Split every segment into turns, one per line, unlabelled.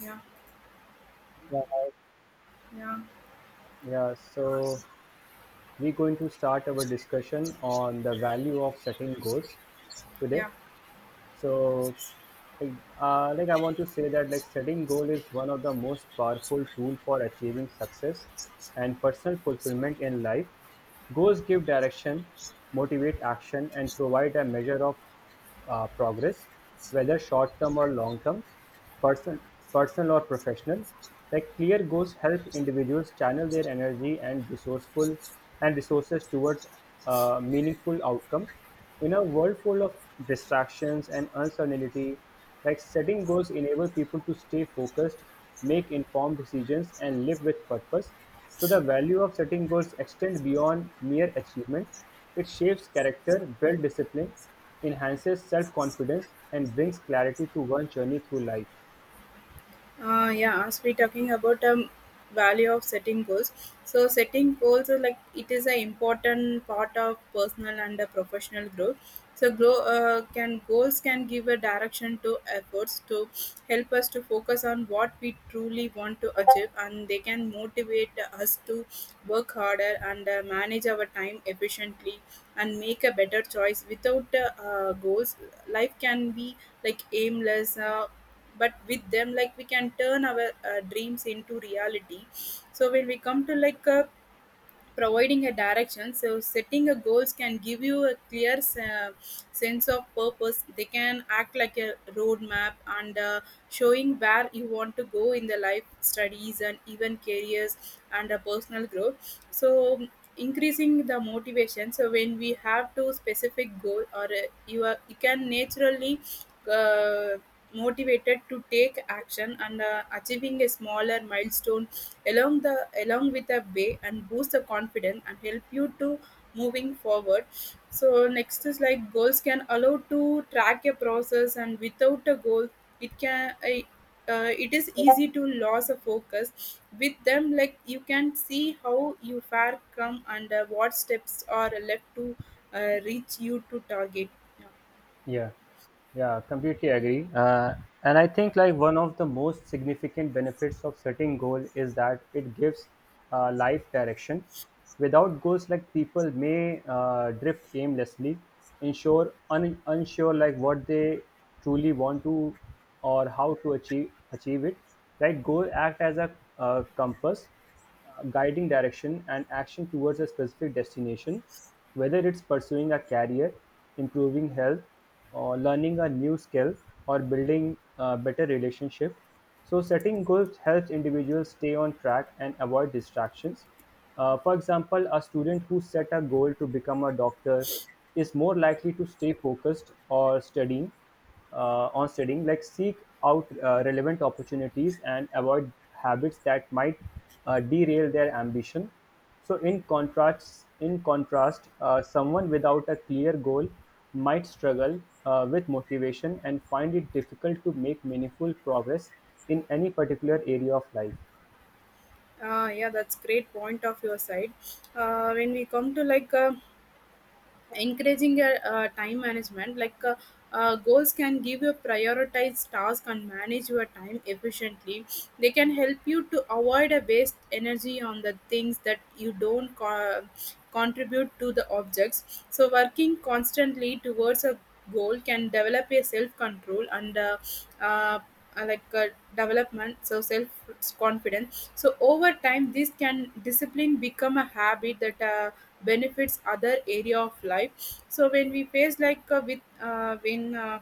Yeah,
Yeah,
yeah,
yeah. So we're going to start our discussion on the value of setting goals today.
yeah.
So, I want to say that like setting goal is one of the most powerful tool for achieving success and personal fulfillment in life. Goals give direction, motivate action, and provide a measure of progress, whether short term or long term, person, personal or professional. Like clear goals help individuals channel their energy and resourceful and resources towards a meaningful outcome. In a world full of distractions and uncertainty, like setting goals enable people to stay focused, make informed decisions, and live with purpose. So the value of setting goals extend beyond mere achievement. It shapes character, builds discipline, enhances self-confidence, and brings clarity to one's journey through life.
Yeah, as we talking about value of setting goals, so setting goals are like it is an important part of personal and professional growth. So, grow, can goals can give a direction to efforts to help us to focus on what we truly want to achieve, and they can motivate us to work harder and manage our time efficiently and make a better choice. Without goals, life can be like aimless. But with them like we can turn our dreams into reality so when we come to like providing a direction. So, setting a goals can give you a sense of purpose. They can act like a roadmap and showing where you want to go in the life, studies, and even careers and personal growth. So, increasing the motivation. So, when we have to specific goal, or you can naturally. Uh, Motivated to take action and achieving a smaller milestone along with a way and boost the confidence and help you to moving forward so next is like goals can allow to track a process and without a goal it can I- it is easy to lose a focus with them like you can see how you far come and what steps are left to reach you to target yeah.
Yeah, yeah, completely agree. And I think like one of the most significant benefits of setting goal is that it gives life direction. Without goals, like people may drift aimlessly, unsure like what they truly want to or how to achieve it. Like goal act as a compass, guiding direction and action towards a specific destination, whether it's pursuing a career, improving health, or learning a new skill, or building a better relationship. So, setting goals helps individuals stay on track and avoid distractions. For example, a student who set a goal to become a doctor is more likely to stay focused or studying on studying, like seek out relevant opportunities and avoid habits that might derail their ambition. So, in contrast, someone without a clear goal might struggle with motivation and find it difficult to make meaningful progress in any particular area of life.
Yeah, that's great point of your side when we come to like encouraging your time management like goals can give you prioritized task and manage your time efficiently they can help you to avoid a waste energy on the things that you don't co- contribute to the objects so working constantly towards a goal can develop a self control and uh, uh, like uh, development so self confidence so over time this can discipline become a habit that benefits other area of life so when we face like with when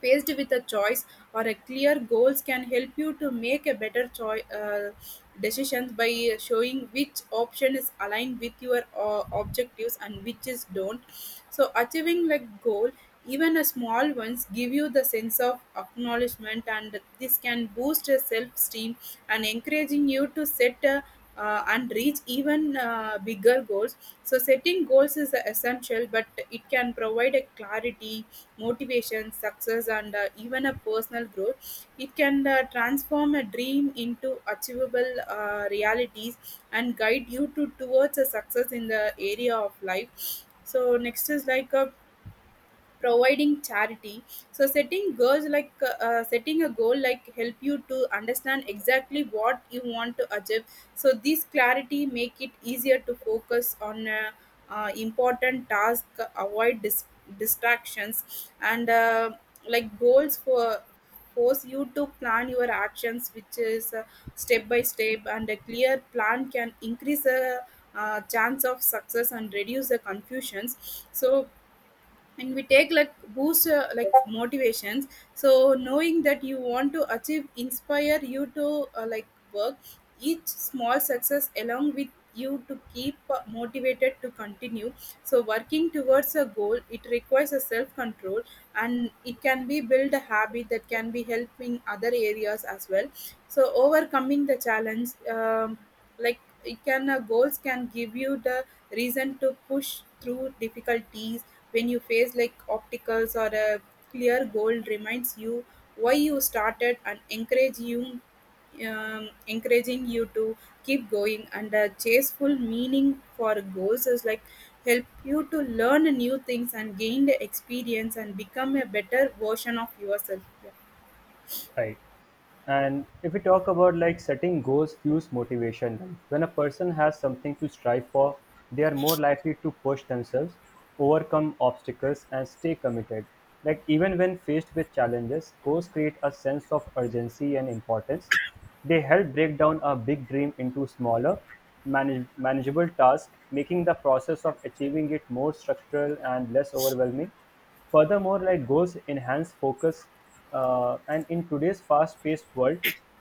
faced with a choice or a clear goals can help you to make a better choice. Decisions by showing which option is aligned with your objectives and which is don't. So achieving like goal, even a small ones, give you the sense of acknowledgement, and this can boost your self-esteem and encouraging you to set a and reach even bigger goals. So, setting goals is essential, but it can provide a clarity, motivation, success, and even a personal growth. It can transform a dream into achievable realities and guide you to towards a success in the area of life. So next is like a providing charity so setting goals like setting a goal like help you to understand exactly what you want to achieve so this clarity make it easier to focus on important task avoid distractions and like goals for force you to plan your actions which is step by step and a clear plan can increase the chance of success and reduce the confusions so and we take like boost like motivations so knowing that you want to achieve inspire you to like work each small success along with you to keep motivated to continue so working towards a goal it requires a self control and it can be build a habit that can be helping other areas as well so overcoming the challenge like it can goals can give you the reason to push through difficulties when you face like obstacles or a clear goal reminds you why you started and encourage you encouraging you to keep going and a chaseful meaning for goals is like help you to learn new things and gain the experience and become a better version of yourself. Yeah.
Right. And if we talk about like setting goals fuels motivation, like when a person has something to strive for, they are more likely to push themselves, overcome obstacles, and stay committed. Like even when faced with challenges, goals create a sense of urgency and importance. They help break down a big dream into smaller, manageable tasks, making the process of achieving it more structural and less overwhelming. Furthermore, like goals enhance focus, and in today's fast-paced world,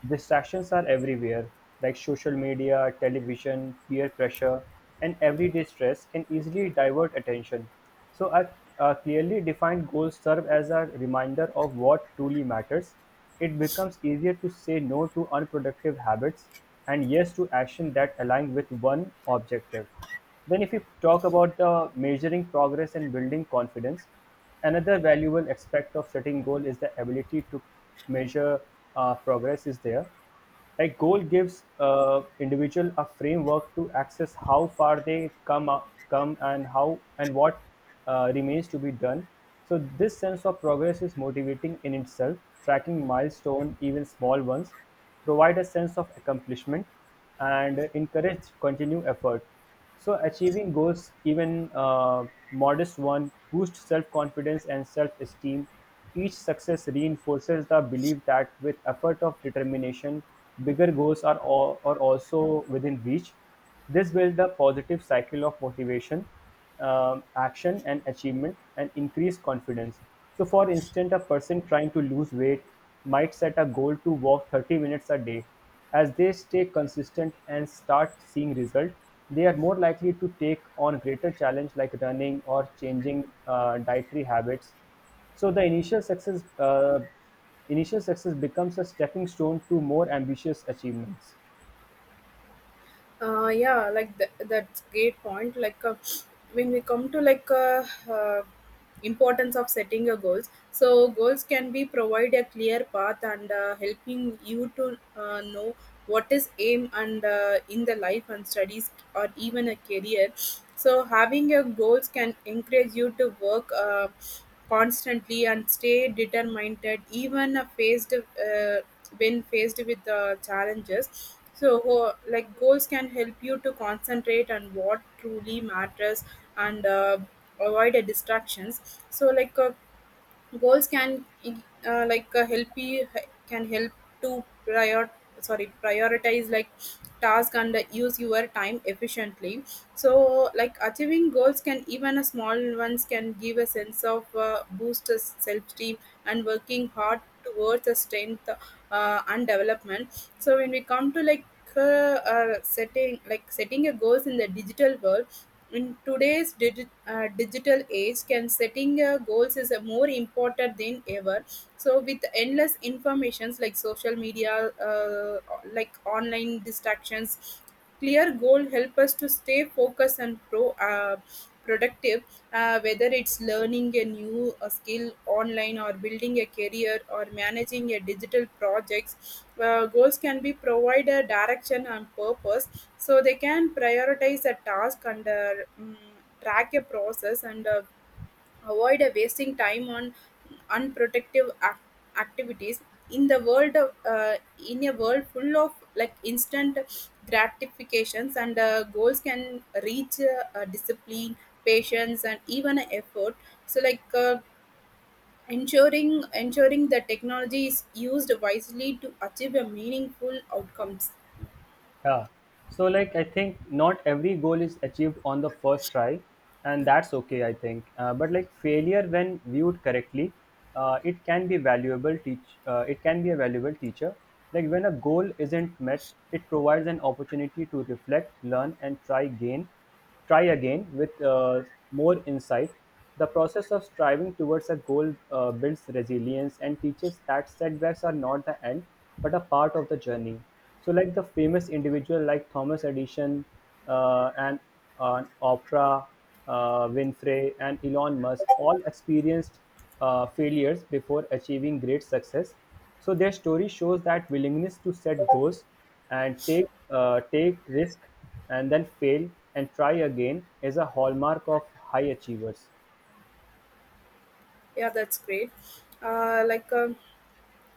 distractions are everywhere, like social media, television, peer pressure, and everyday stress can easily divert attention. So, our clearly defined goals serve as a reminder of what truly matters. It becomes easier to say no to unproductive habits and yes to action that align with one objective. Then, if you talk about the measuring progress and building confidence, another valuable aspect of setting goal is the ability to measure progress is there. A goal gives individual a framework to access how far they come and how and what remains to be done. So this sense of progress is motivating in itself. Tracking milestone, even small ones, provide a sense of accomplishment and encourage continued effort. So, achieving goals, even modest one, boosts self confidence and self esteem. Each success reinforces the belief that with effort of determination, bigger goals are also within reach. This builds a positive cycle of motivation, action, and achievement, and increased confidence. So, for instance, a person trying to lose weight might set a goal to walk 30 minutes a day. As they stay consistent and start seeing results, they are more likely to take on greater challenge like running or changing dietary habits. So the initial success becomes a stepping stone to more ambitious achievements.
Yeah, that's great point like when we come to like uh, importance of setting your goals so goals can be provide a clear path and helping you to know what is aim and in the life and studies or even a career so having your goals can encourage you to work constantly and stay determined even faced when faced with challenges so, like goals can help you to concentrate on what truly matters and avoid the distractions. So, like goals can like help you can help to prioritize like task and use your time efficiently so like achieving goals can even a small ones can give a sense of boost to self-esteem and working hard towards a strength and development so when we come to like uh, setting setting a goals in the digital world in today's digital age, can setting goals is more important than ever. So, with endless informations like social media, like online distractions, clear goal help us to stay focused and pro. Productive, whether it's learning a new skill online or building a career or managing a digital projects. Goals can be provide a direction and purpose, so they can prioritize a task and mm, track a process and avoid wasting time on unproductive activities. In the world, of- uh, in a world full of like instant gratifications and goals can reach discipline, patience, and even effort. So like. Ensuring that technology is used wisely to achieve a meaningful outcomes.
Yeah. So like I think not every goal is achieved on the first try, and that's okay. But like failure when viewed correctly, it can be a valuable teacher. Like when a goal isn't met, it provides an opportunity to reflect, learn, and try again with more insight. The process of striving towards a goal builds resilience and teaches that setbacks are not the end but a part of the journey. So, like the famous individual like Thomas Edison and Oprah Winfrey and Elon Musk all experienced failures before achieving great success. So their story shows that willingness to set goals and take risk and then fail and try again is a hallmark of high achievers.
Yeah, that's great like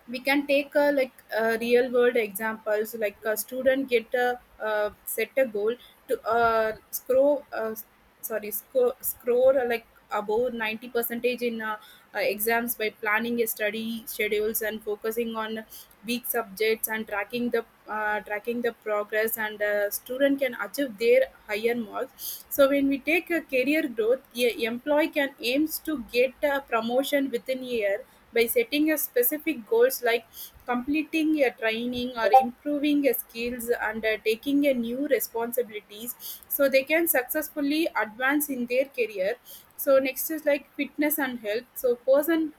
we can take like real world examples like a student get a set a goal to scroll sorry score, like above 90 percentage in exams by planning a study schedules and focusing on weak subjects and tracking the progress and student can achieve their higher marks so when we take a career growth a employee can aims to get a promotion within a year by setting a specific goals like completing a training or improving your skills and taking a new responsibilities so they can successfully advance in their career so next is like fitness and health so person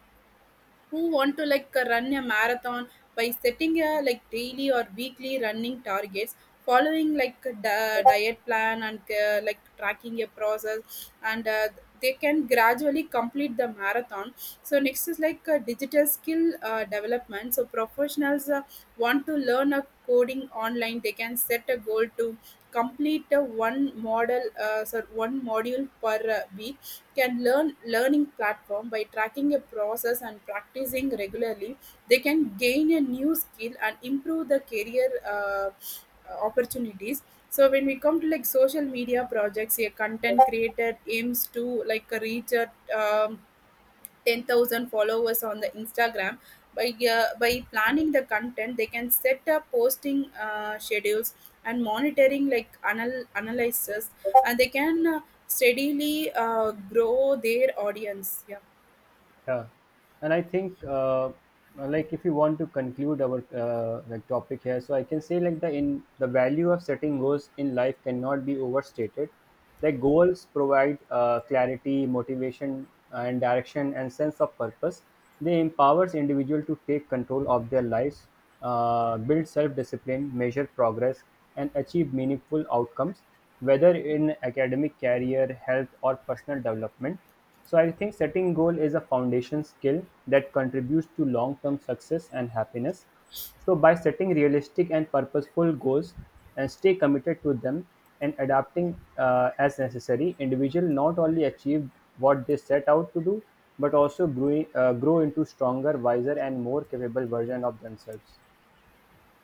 who want to like run a marathon by setting a like daily or weekly running targets following like a diet plan and like tracking a process and they can gradually complete the marathon so next is like digital skill development so professionals want to learn a coding online they can set a goal to complete a one one module per week can learning platform by tracking a process and practicing regularly they can gain a new skill and improve the career uh, opportunities so when we come to like social media projects a content creator aims to like reach a um, 10,000 followers on the Instagram. By planning the content, they can set up posting schedules and monitoring like analysis, and they can steadily grow their audience. Yeah.
Yeah, and I think like if you want to conclude our like topic here, so I can say like the value of setting goals in life cannot be overstated. Like goals provide clarity, motivation, and direction, and sense of purpose. They empowers individual to take control of their lives, build self-discipline, measure progress, and achieve meaningful outcomes, whether in academic, career, health, or personal development. So I think setting goal is a foundation skill that contributes to long-term success and happiness. So by setting realistic and purposeful goals and stay committed to them and adapting as necessary, individual not only achieve what they set out to do, but also grow into stronger, wiser, and more capable version of themselves.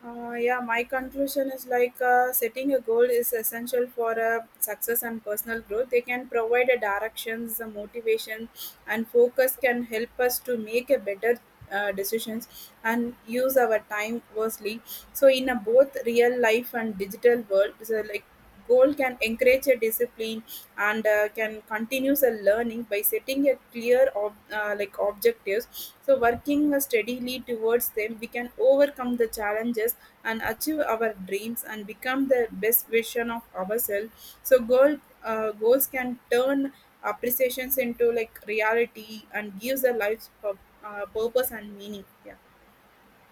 Yeah, my conclusion is like setting a goal is essential for success and personal growth. They can provide a directions, a motivation, and focus can help us to make a better decisions and use our time wisely. So, in a both real life and digital world, so like goal can encourage a discipline and can continues a learning by setting a clear like objectives so working steadily towards them we can overcome the challenges and achieve our dreams and become the best version of ourselves so goals can turn appreciations into like reality and gives a life purpose and meaning. Yeah.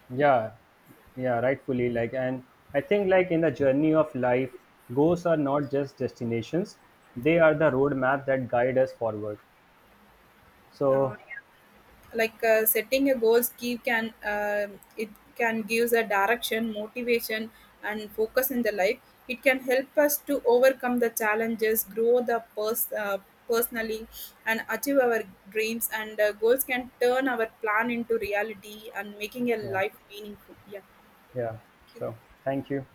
Yeah. Yeah, rightfully, like. And I think like in the journey of life, goals are not just destinations, they are the roadmap that guide us forward.
uh,
So
like setting a goals give can it can gives a direction motivation and focus in the life it can help us to overcome the challenges grow the personally and achieve our dreams and goals can turn our plan into reality and making a
yeah.
life meaningful. Yeah.
Yeah. So thank you.